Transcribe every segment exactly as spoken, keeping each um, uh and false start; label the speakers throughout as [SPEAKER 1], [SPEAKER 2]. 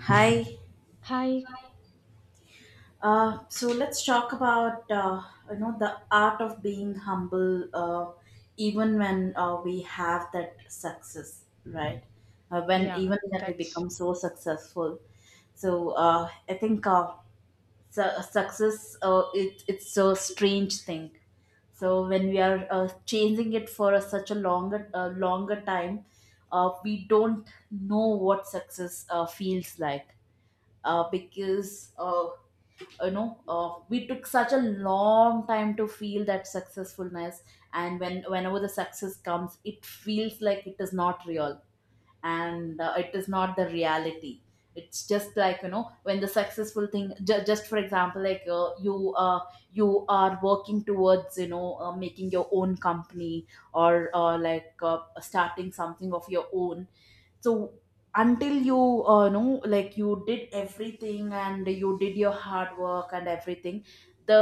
[SPEAKER 1] Hi.
[SPEAKER 2] Hi.
[SPEAKER 1] Uh, so let's talk about uh, you know the art of being humble, uh, even when uh, we have that success, right? Uh, when
[SPEAKER 2] Yeah,
[SPEAKER 1] even when we
[SPEAKER 2] that's
[SPEAKER 1] become so successful, so uh, I think uh, su- success, uh, it it's a strange thing. So when we are uh, changing it for a, such a longer uh, longer time, uh, we don't know what success uh, feels like, uh, because uh, you know uh, we took such a long time to feel that successfulness. And when whenever the success comes it feels like it is not real, and uh, it is not the reality. It's just like, you know, when the successful thing, ju- just for example, like, uh, you uh, you are working towards, you know uh, making your own company, or uh, like uh, starting something of your own. So until you uh, know, like, you did everything and you did your hard work and everything, the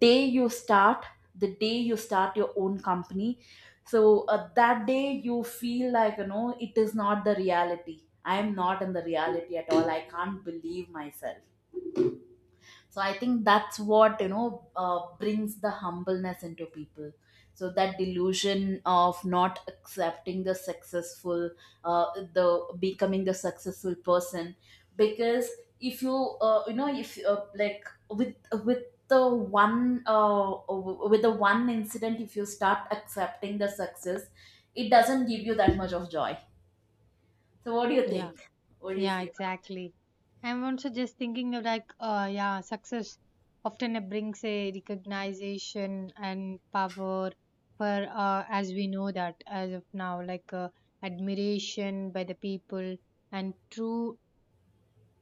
[SPEAKER 1] day you start the day you start your own company. So uh, that day you feel like, you know, it is not the reality. I am not in the reality at all, I can't believe myself. So I think that's what, you know, uh, brings the humbleness into people. So that delusion of not accepting the successful, uh, the becoming the successful person. Because if you, uh, you know if, uh, like with with the one uh, with the one incident, if you start accepting the success, it doesn't give you that much of joy. So what do you
[SPEAKER 2] Yeah,
[SPEAKER 1] think, what do you
[SPEAKER 2] yeah,
[SPEAKER 1] see?
[SPEAKER 2] exactly. I'm also just thinking of like, uh, yeah, success often it brings a recognition and power for, uh, as we know that as of now, like uh, admiration by the people. And true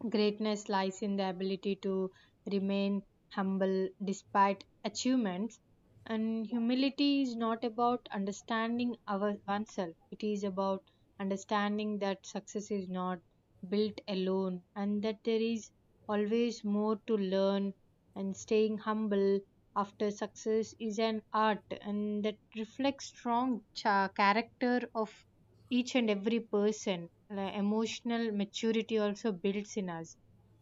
[SPEAKER 2] greatness lies in the ability to remain humble despite achievements. And humility is not about understanding our oneself. It is about understanding that success is not built alone, and that there is always more to learn. And staying humble after success is an art, and that reflects strong cha- character of each and every person. The emotional maturity also builds in us.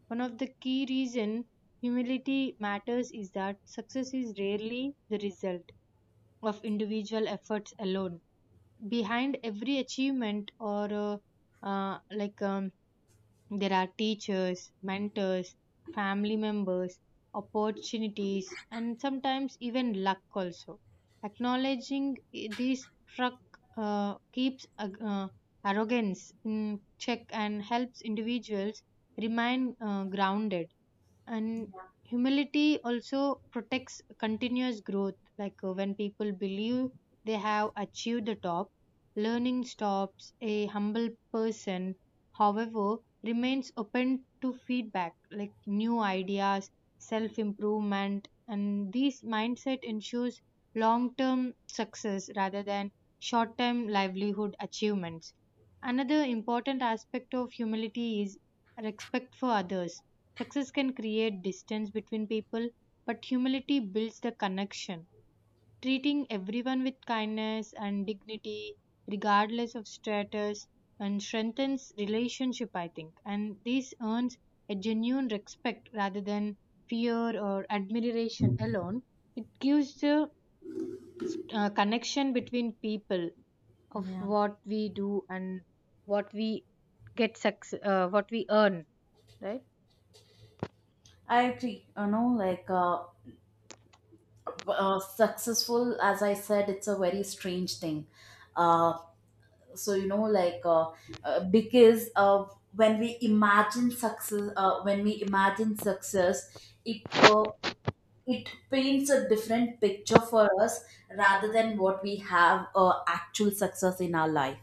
[SPEAKER 2] One of the key reason humility matters is that success is rarely the result of individual efforts alone. Behind every achievement or uh, uh, like um, there are teachers, mentors, family members, opportunities, and sometimes even luck also. Acknowledging i- these truck uh, keeps ag- uh, arrogance in check and helps individuals remain uh, grounded. And humility also protects continuous growth. Like uh, when people believe they have achieved the top, learning stops. A humble person, however, remains open to feedback, like new ideas, self improvement, and this mindset ensures long term success rather than short term livelihood achievements. Another important aspect of humility is respect for others. Success can create distance between people, but humility builds the connection. Treating everyone with kindness and dignity regardless of status and strengthens relationship, I think, and this earns a genuine respect rather than fear or admiration alone. It gives the uh, connection between people of
[SPEAKER 1] Yeah,
[SPEAKER 2] what we do and what we get success, uh, what we earn, right?
[SPEAKER 1] I agree. You know, like, uh, uh, successful, as I said, it's a very strange thing. uh, so, you know, like, uh, uh, because, uh, when we imagine success uh, when we imagine success, it uh, it paints a different picture for us, rather than what we have, uh, actual success in our life,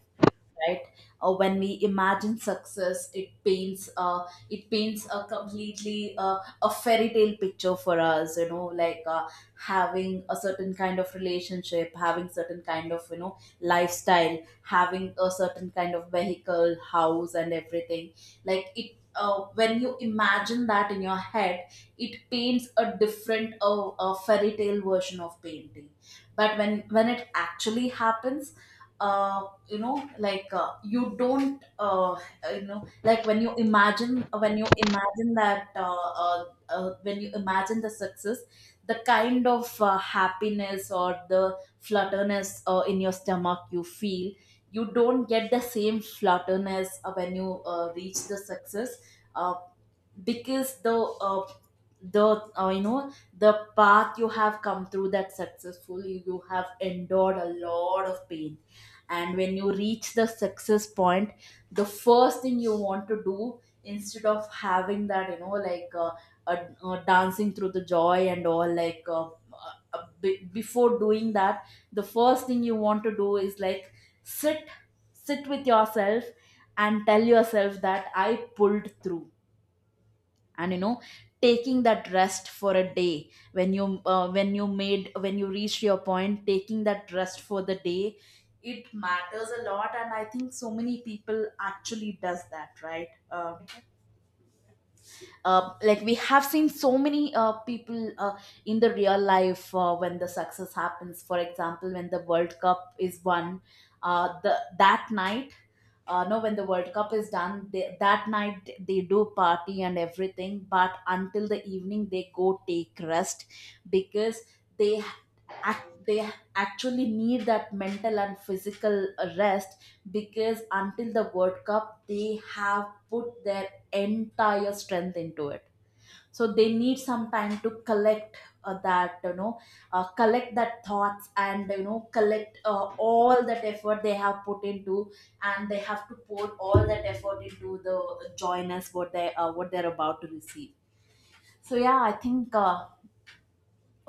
[SPEAKER 1] right? Uh, when we imagine success it paints uh, it paints a completely, uh, a fairy tale picture for us, you know, like, uh, having a certain kind of relationship, having certain kind of, you know, lifestyle, having a certain kind of vehicle, house and everything. Like, it uh, when you imagine that in your head, it paints a different, uh, a fairy tale version of painting. But when when it actually happens, uh, you know, like, uh, you don't, uh, you know, like, when you imagine when you imagine that uh, uh, uh, when you imagine the success, the kind of uh, happiness, or the flutterness uh, in your stomach you feel, you don't get the same flutterness uh, when you uh, reach the success. uh, because the uh, the uh, you know, the path you have come through that successful, you you have endured a lot of pain. And when you reach the success point, the first thing you want to do, instead of having that, you know, like, uh, uh, uh, dancing through the joy and all, like, uh, uh, uh, be- before doing that, the first thing you want to do is, like, sit sit with yourself and tell yourself that I pulled through. And, you know, taking that rest for a day, when you uh, when you made when you reached your point, taking that rest for the day, it matters a lot, and I think so many people actually does that, right? Um, uh, like, we have seen so many uh, people uh, in the real life, uh, when the success happens, for example when the World Cup is won, uh, the that night uh, no, when the World Cup is done, they, that night they do party and everything, but until the evening they go take rest, because they act, they actually need that mental and physical rest, because until the World Cup they have put their entire strength into it. So they need some time to collect, uh, that you know uh, collect that thoughts, and, you know, collect uh, all that effort they have put into, and they have to pour all that effort into the joyness, what they uh, what they're about to receive. So yeah, I think uh,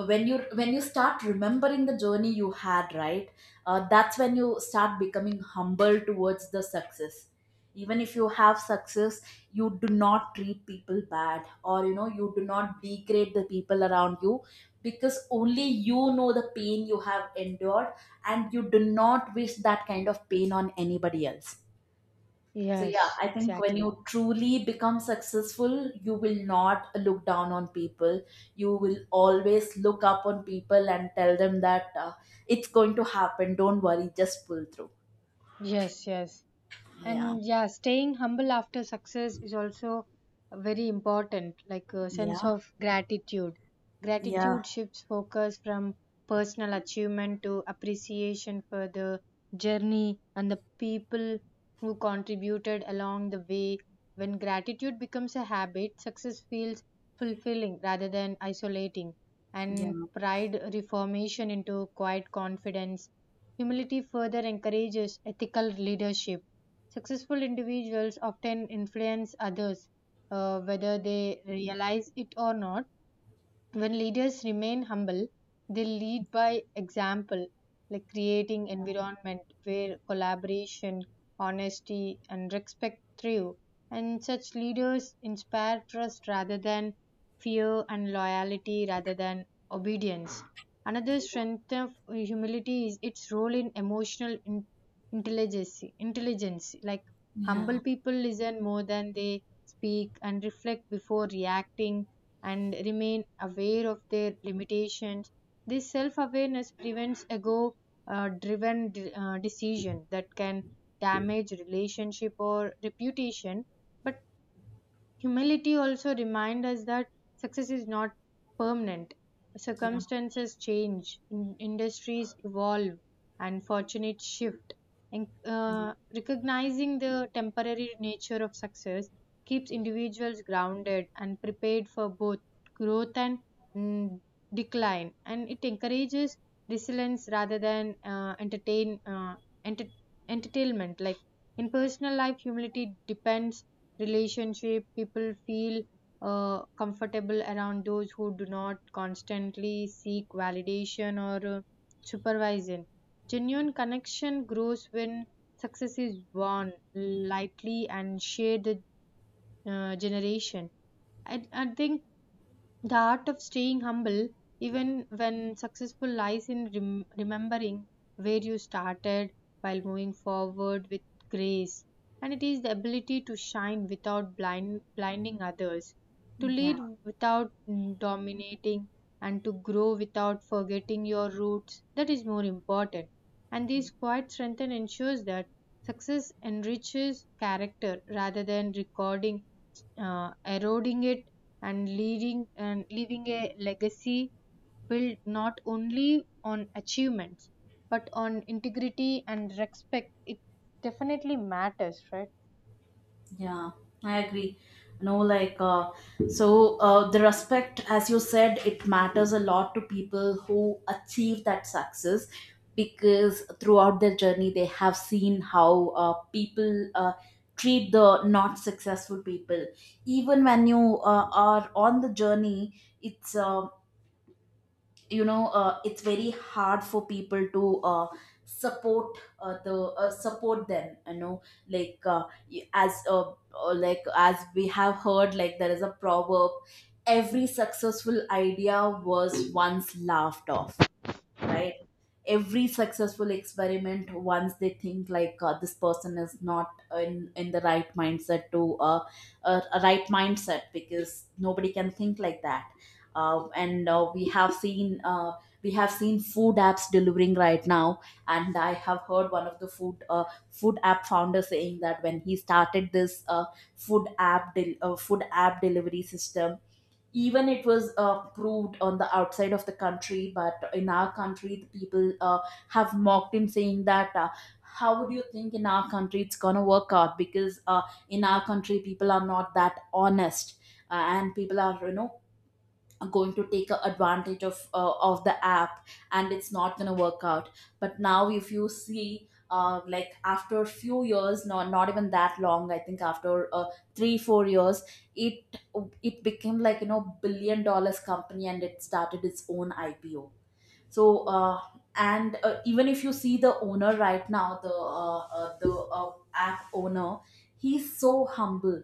[SPEAKER 1] when you when you start remembering the journey you had, right? Uh, that's when you start becoming humble towards the success. Even if you have success, you do not treat people bad, or, you know, you do not degrade the people around you, because only you know the pain you have endured, and you do not wish that kind of pain on anybody else. So yeah,
[SPEAKER 2] Yes,
[SPEAKER 1] I think when
[SPEAKER 2] exactly.
[SPEAKER 1] you truly become successful, you will not look down on people. You will always look up on people and tell them that, uh, it's going to happen. Don't worry, just pull through.
[SPEAKER 2] Yes, yes.
[SPEAKER 1] Yeah,
[SPEAKER 2] And yeah, staying humble after success is also very important, like a sense
[SPEAKER 1] yeah,
[SPEAKER 2] of gratitude.
[SPEAKER 1] yeah,
[SPEAKER 2] Gratitude shifts focus from personal achievement to appreciation for the journey and the people who contributed along the way. When gratitude becomes a habit, success feels fulfilling rather than isolating,
[SPEAKER 1] yeah,
[SPEAKER 2] and pride reformation into quiet confidence. Humility further encourages ethical leadership. Successful individuals often influence others, uh, whether they realize it or not. When leaders remain humble, they lead by example, like creating environment where collaboration, honesty, and respect thrive. And such leaders inspire trust rather than fear, and loyalty rather than obedience. Another strength of humility is its role in emotional in- intelligence. Intelligence, like humble
[SPEAKER 1] yeah,
[SPEAKER 2] people listen more than they speak, and reflect before reacting, and remain aware of their limitations. This self awareness prevents ego uh, driven de- uh, decision that can damage relationship or reputation. But humility also reminds us that success is not permanent.
[SPEAKER 1] yeah,
[SPEAKER 2] Circumstances change, in- industries evolve, and fortunes shift. And uh, recognizing the temporary nature of success keeps individuals grounded and prepared for both growth and mm, decline. And it encourages resilience rather than uh, entertain uh, enter- entertainment. Like in personal life, humility depends relationship, people feel uh, comfortable around those who do not constantly seek validation or uh, supervision. Genuine connection grows when success is born lightly and shared uh, generation. I, I think the art of staying humble, even when successful, lies in rem- remembering where you started while moving forward with grace. And it is the ability to shine without blind- blinding others, to
[SPEAKER 1] yeah.
[SPEAKER 2] lead without mm, dominating, and to grow without forgetting your roots. That is more important. And this quiet strength ensures that success enriches character rather than recording uh, eroding it, and leading and leaving a legacy built not only on achievements but on integrity and respect. It definitely matters, right?
[SPEAKER 1] Yeah, I agree. You know, like, uh, so uh, the respect, as you said, it matters a lot to people who achieve that success, because throughout their journey, they have seen how uh, people uh, treat the not successful people. Even when you uh, are on the journey, it's um you know, uh, it's very hard for people to uh, support uh, the uh, support them, you know, like, uh, y- as uh, uh, like as we have heard, like, there is a proverb. Every successful idea was once laughed off, right? Every successful experiment, once they think, like, uh, this person is not in in the right mindset to, uh, uh, a right mindset, because nobody can think like that. Uh, and uh, we have seen uh, we have seen food apps delivering right now, and I have heard one of the food uh, food app founder saying that when he started this, uh, food app del- uh, food app delivery system, even it was uh, proved on the outside of the country, but in our country the people uh, have mocked him saying that, uh, how would you think, in our country it's gonna work out? Because uh, in our country people are not that honest, uh, and people are, you know, going to take a- advantage of uh, of the app, and it's not going to work out. But now if you see, uh, like, after a few years, not, not even that long, I think, after uh, three four years, it it became, like, you know, billion dollars company, and it started its own IPO. So uh, and uh, even if you see the owner right now, the uh, uh, the uh, app owner, he's so humble.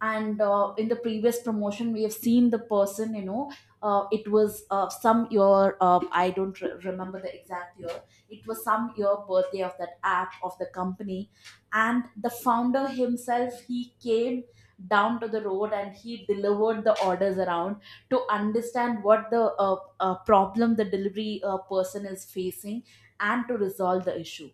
[SPEAKER 1] And uh, in the previous promotion we have seen the person, you know, uh, it was uh, some year, uh, I don't re- remember the exact year, it was some year birthday of that app, of the company. And the founder himself, he came down to the road and he delivered the orders around, to understand what the, uh, uh, problem the delivery uh, person is facing, and to resolve the issue.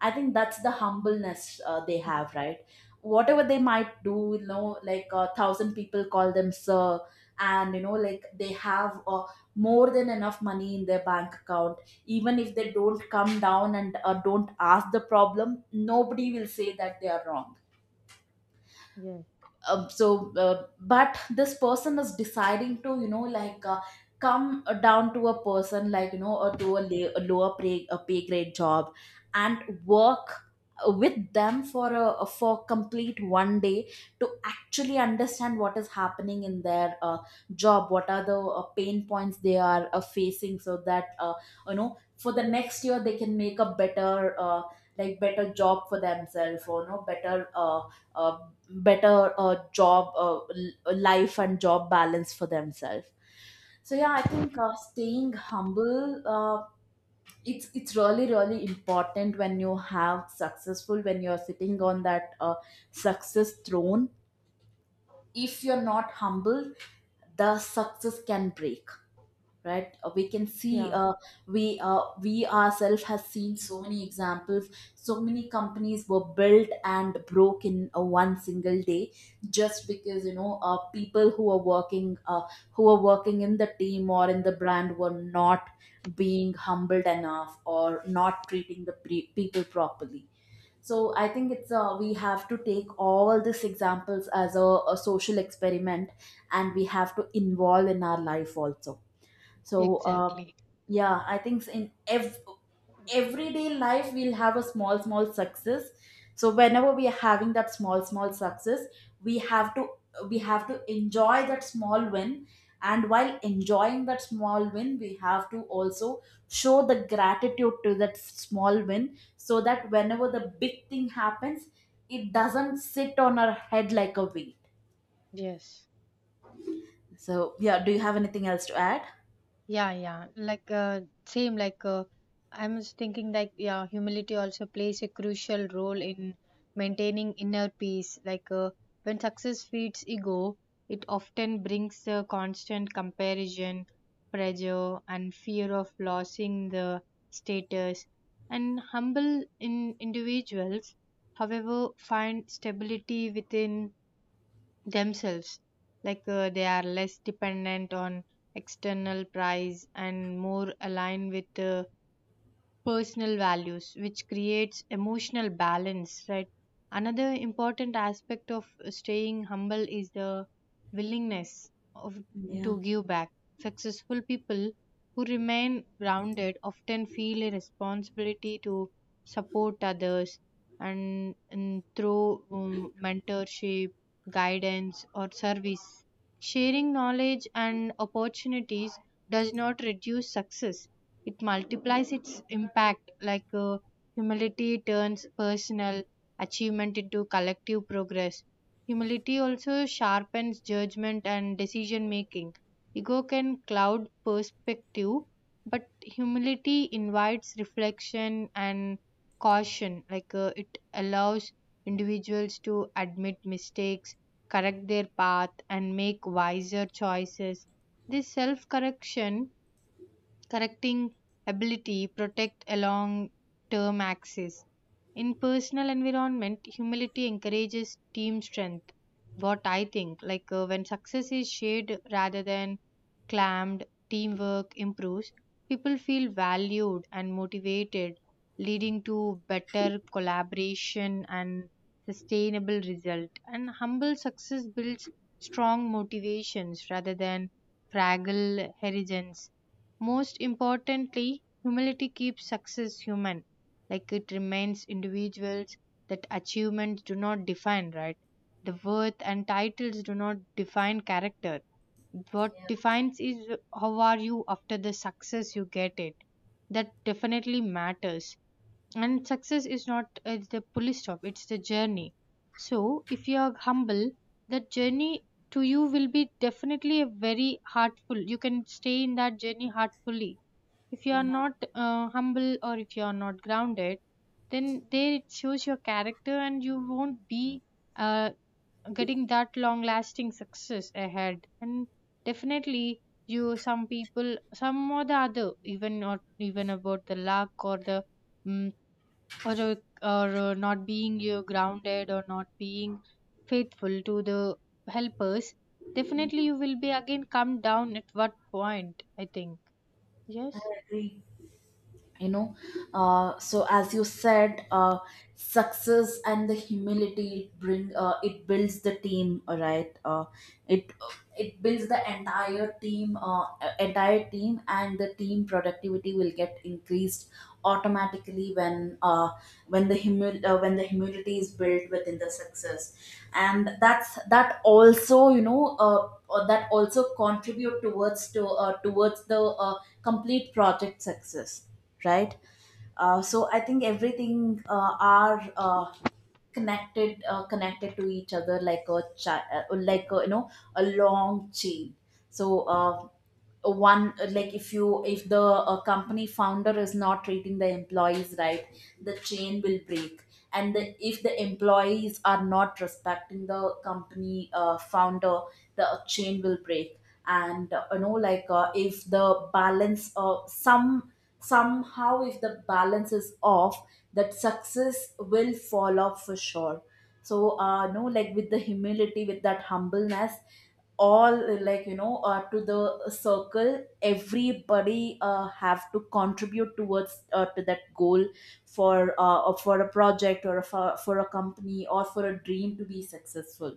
[SPEAKER 1] I think that's the humbleness uh, they
[SPEAKER 2] Yeah.
[SPEAKER 1] have, right? Whatever they might do, you know, like, a thousand people call them sir, and, you know, like, they have uh, more than enough money in their bank account. Even if they don't come down and uh, don't ask the problem, nobody will say that they are wrong.
[SPEAKER 2] Yes.
[SPEAKER 1] Uh, so uh, but this person is deciding to, you know, like, uh, come uh, down to a person, like, you know, or to a, la- a lower pay, a pay grade job, and work uh, with them for a, for complete one day, to actually understand what is happening in their uh, job, what are the uh, pain points they are uh, facing, so that, uh, you know, for the next year they can make a better uh, like better job for themselves, or, you know, better uh, uh, better uh, job uh, l- life and job balance for themselves. So yeah, I think uh, staying humble, uh, it's it's really really important when you have successful when you're sitting on that, uh, success throne. If you're not humble, the success can break, right? Uh, we can see,
[SPEAKER 2] Yeah,
[SPEAKER 1] uh, we uh, we ourselves has seen so many examples. So many companies were built and broke in uh, one single day, just because, you know, uh, people who are working uh, who are working in the team or in the brand were not being humbled enough, or not treating the pre- people properly. So I think, it's uh, we have to take all these examples as a, a social experiment, and we have to involve in our life also. So uh,
[SPEAKER 2] exactly.
[SPEAKER 1] yeah, I think in ev- everyday life we'll have a small small success. So whenever we are having that small small success, we have to we have to enjoy that small win, and while enjoying that small win we have to also show the gratitude to that small win, so that whenever the big thing happens, it doesn't sit on our head like a weight.
[SPEAKER 2] Yes.
[SPEAKER 1] So yeah, do you have anything else to add?
[SPEAKER 2] Yeah, yeah. Like uh, same. Like uh, I'm just thinking, like yeah, humility also plays a crucial role in maintaining inner peace. Like uh, when success feeds ego, it often brings the constant comparison, pressure, and fear of losing the status. And humble in individuals, however, find stability within themselves, like uh, they are less dependent on external price and more aligned with uh, personal values, which creates emotional balance, right? Another important aspect of staying humble is the willingness of,
[SPEAKER 1] Yeah,
[SPEAKER 2] to give back. Successful people who remain grounded often feel a responsibility to support others, and, and through um, mentorship, guidance, or service. Sharing knowledge and opportunities does not reduce success, it multiplies its impact, like uh, humility turns personal achievement into collective progress. Humility also sharpens judgment and decision making. Ego can cloud perspective, but humility invites reflection and caution. Like uh, it allows individuals to admit mistakes, correct their path, and make wiser choices. This self correction correcting ability protect a long term access. In personal environment, humility encourages team strength. What I think, like uh, when success is shared rather than claimed, teamwork improves. People feel valued and motivated, leading to better collaboration and sustainable result. And humble success builds strong motivations rather than fragile horizons. Most importantly, humility keeps success human. Like it remains individuals that achievements do not define, right? The worth and titles do not define character. What defines is how are you after the success you get it. That definitely matters, and success is not uh, the police stop, it's the journey. So if you are humble, that journey to you will be definitely a very heartful, you can stay in that journey heartfully. If you are
[SPEAKER 1] yeah,
[SPEAKER 2] not uh, humble, or if you are not grounded, then there it shows your character, and you won't be uh, getting that long lasting success ahead. And definitely you some people, some or the other, even not even about the luck or the mm or uh, or uh, not being uh, grounded or not being faithful to the helpers, definitely you will be again come down at what point, I think.
[SPEAKER 1] I
[SPEAKER 2] Yes.
[SPEAKER 1] agree. you know uh, so as you said, uh, success and the humility bring uh, it builds the team. All right, uh, it it builds the entire team uh, entire team, and the team productivity will get increased automatically when uh, when the humil- uh, when the humility is built within the success. And that's that also, you know uh, uh, that also contribute towards to uh, towards the uh, complete project success, right? Uh, so I think everything uh, are uh, connected uh, connected to each other like a cha- uh, like a, you know a long chain. So uh, one like if you if the uh, company founder is not treating the employees right, the chain will break. And the, if the employees are not respecting the company uh, founder, the chain will break. And uh, you know like uh, if the balance of some, somehow if the balance is off, that success will fall off for sure. So uh no, like with the humility, with that humbleness, all uh, like you know uh, to the circle, everybody uh, have to contribute towards uh, to that goal, for uh, or for a project, or for, for a company, or for a dream to be successful,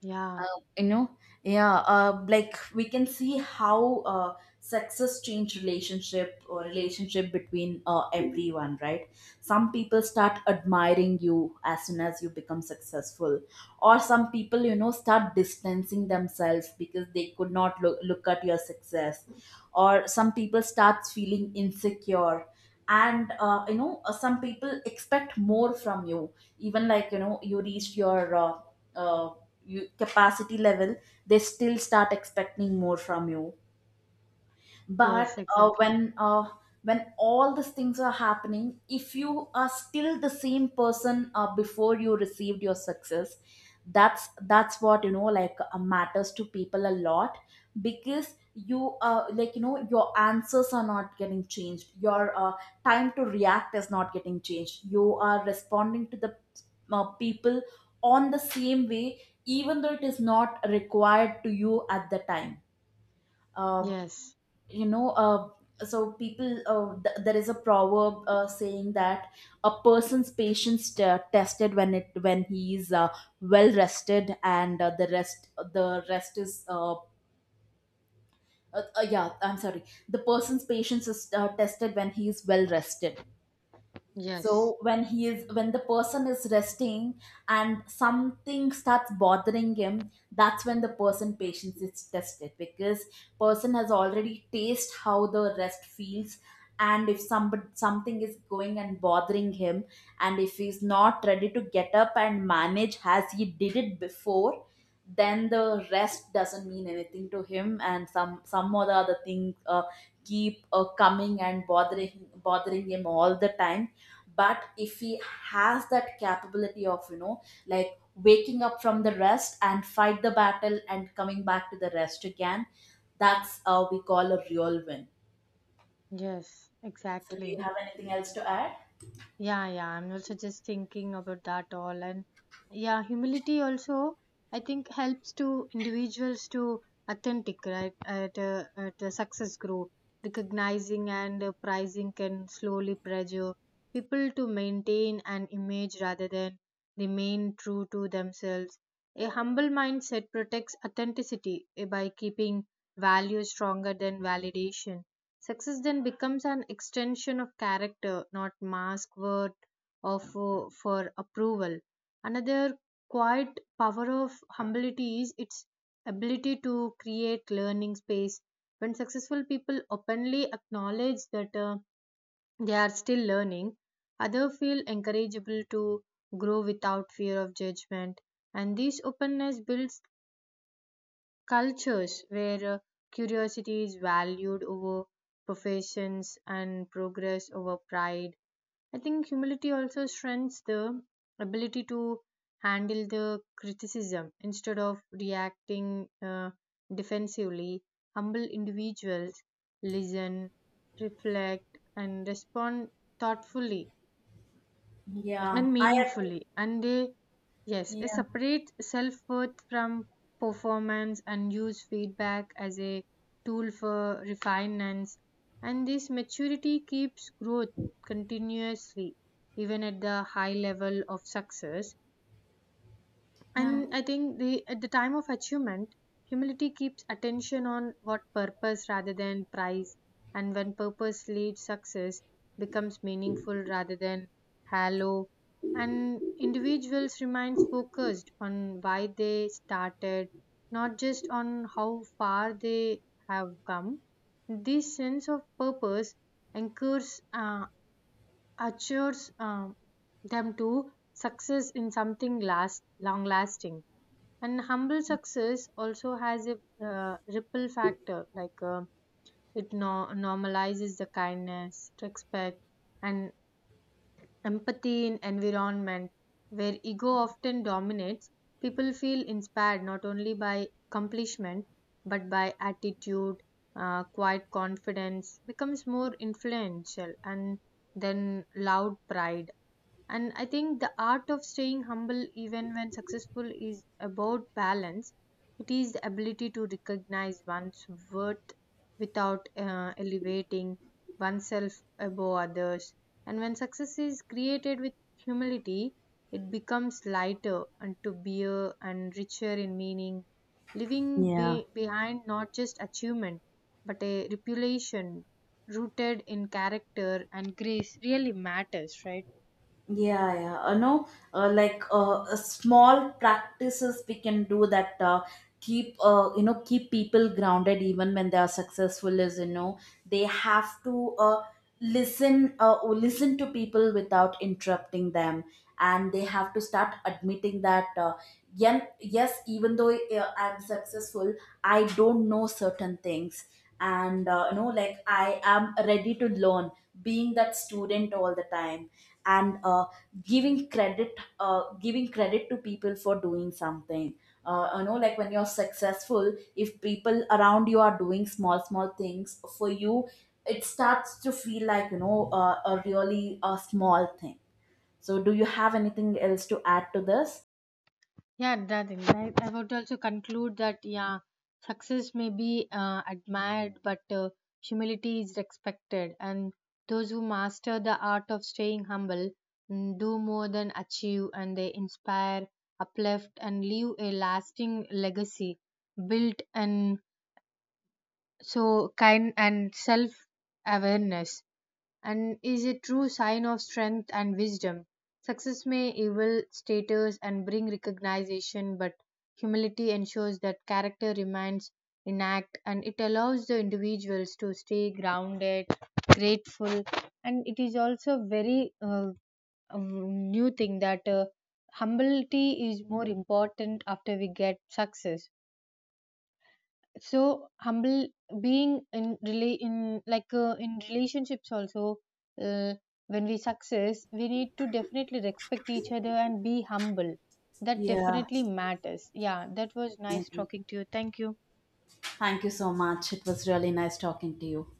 [SPEAKER 2] Yeah,
[SPEAKER 1] you know? Yeah, uh, like we can see how, uh, success change relationship, or relationship between uh, everyone, right? Some people start admiring you as soon as you become successful, or some people, you know, start distancing themselves because they could not look, look at your success, or some people starts feeling insecure. And uh, you know uh, some people expect more from you, even like, you know, you reached your uh, uh, you, capacity level, they still start expecting more from you.
[SPEAKER 2] yes,
[SPEAKER 1] but uh,
[SPEAKER 2] exactly.
[SPEAKER 1] when uh, when all these things are happening, if you are still the same person uh, before you received your success, that's that's what, you know, like, uh, matters to people a lot. Because you uh, like, you know, your answers are not getting changed, your uh, time to react is not getting changed, you are responding to the uh, people on the same way, even though it is not required to you at the time. Um,
[SPEAKER 2] Yes,
[SPEAKER 1] you know uh, so people, uh, th- there is a proverb uh, saying that a person's patience t- tested when it when he is uh, well rested. And uh, the rest the rest is uh, uh, uh, yeah, I'm sorry. The person's patience is uh, tested when he is well rested.
[SPEAKER 2] yes,
[SPEAKER 1] So when he is when the person is resting and something starts bothering him, that's when the person patience is tested. Because person has already taste how the rest feels. And if somebody, something is going and bothering him, and if he's not ready to get up and manage as he did it before, then the rest doesn't mean anything to him, and some some or the other things uh, keep uh, coming and bothering bothering him all the time. But if he has that capability of, you know, like waking up from the rest and fight the battle and coming back to the rest again, that's uh, we call a real win.
[SPEAKER 2] yes,
[SPEAKER 1] So do you
[SPEAKER 2] exactly.
[SPEAKER 1] have anything else to add?
[SPEAKER 2] Yeah, yeah, I'm also just thinking about that all. And yeah, humility also, I think, helps to individuals to authentic, right? At, uh, at uh, success grow. Recognizing and uh, prizing can slowly pressure people to maintain an image rather than remain true to themselves. A humble mindset protects authenticity, eh, by keeping value stronger than validation. Success then becomes an extension of character, not mask word of for, for approval. Another quiet power of humility is its ability to create learning space. When successful people openly acknowledge that uh, they are still learning, others feel encourageable to grow without fear of judgment. And this openness builds cultures where uh, curiosity is valued over professions and progress over pride. I think humility also strengthens the ability to handle the criticism instead of reacting uh, defensively. Humble individuals listen, reflect, and respond thoughtfully
[SPEAKER 1] Yeah,
[SPEAKER 2] and
[SPEAKER 1] I agree.
[SPEAKER 2] meaningfully, and they yes, it
[SPEAKER 1] Yeah,
[SPEAKER 2] separates self worth from performance, and use feedback as a tool for refinements. And this maturity keeps growth continuously, even at the high level of success.
[SPEAKER 1] yeah.
[SPEAKER 2] And I think, the at the time of achievement, humility keeps attention on what purpose rather than price. And when purpose leads, success becomes meaningful rather than hollow. And individuals remains focused on why they started, not just on how far they have come. This sense of purpose anchors, uh, assures um them to success in something last long lasting. And humble success also has a uh, ripple factor, like uh, it no- normalizes the kindness, respect, and empathy in environment where ego often dominates. People feel inspired not only by accomplishment, but by attitude, uh, quiet confidence becomes more influential and then loud pride. And I think the art of staying humble even when successful is about balance, it is the ability to recognize one's worth without uh, elevating oneself above others. And when success is created with humility, it becomes lighter and to bear and richer in meaning, leaving
[SPEAKER 1] Yeah.
[SPEAKER 2] be- behind not just achievement but a reputation rooted in character and grace. Really matters, right?
[SPEAKER 1] Yeah, yeah. Uh, no, uh, like uh, uh, small practices we can do that uh, keep, uh, you know, keep people grounded even when they are successful. Is, you know, they have to uh, listen uh, or listen to people without interrupting them, and they have to start admitting that. Uh, yen- yes, even though uh, I'm successful, I don't know certain things, and, uh, you know, like I am ready to learn. Being that student all the time. And uh, giving credit uh, giving credit to people for doing something. Uh, you know, like when you're successful, if people around you are doing small small things for you, it starts to feel like, you know, uh, a really a small thing. So do you have anything else to add to this?
[SPEAKER 2] Yeah, that is right. I would also conclude that yeah, success may be uh, admired, but uh, humility is respected, and those who master the art of staying humble mm, do more than achieve, and they inspire, uplift, and leave a lasting legacy built, and so kind and self awareness, and is a true sign of strength and wisdom. Success may evolve status and bring recognition, but humility ensures that character remains intact, and it allows the individuals to stay grounded, grateful. And it is also very uh, um, new thing that uh, humility is more important after we get success. So humble being in relate in, like uh, in relationships also, uh, when we success, we need to definitely respect each other and be humble. That
[SPEAKER 1] Yeah,
[SPEAKER 2] definitely matters. Yeah, that was
[SPEAKER 1] I
[SPEAKER 2] nice
[SPEAKER 1] agree.
[SPEAKER 2] talking to you, thank you.
[SPEAKER 1] Thank you so much, it was really nice talking to you.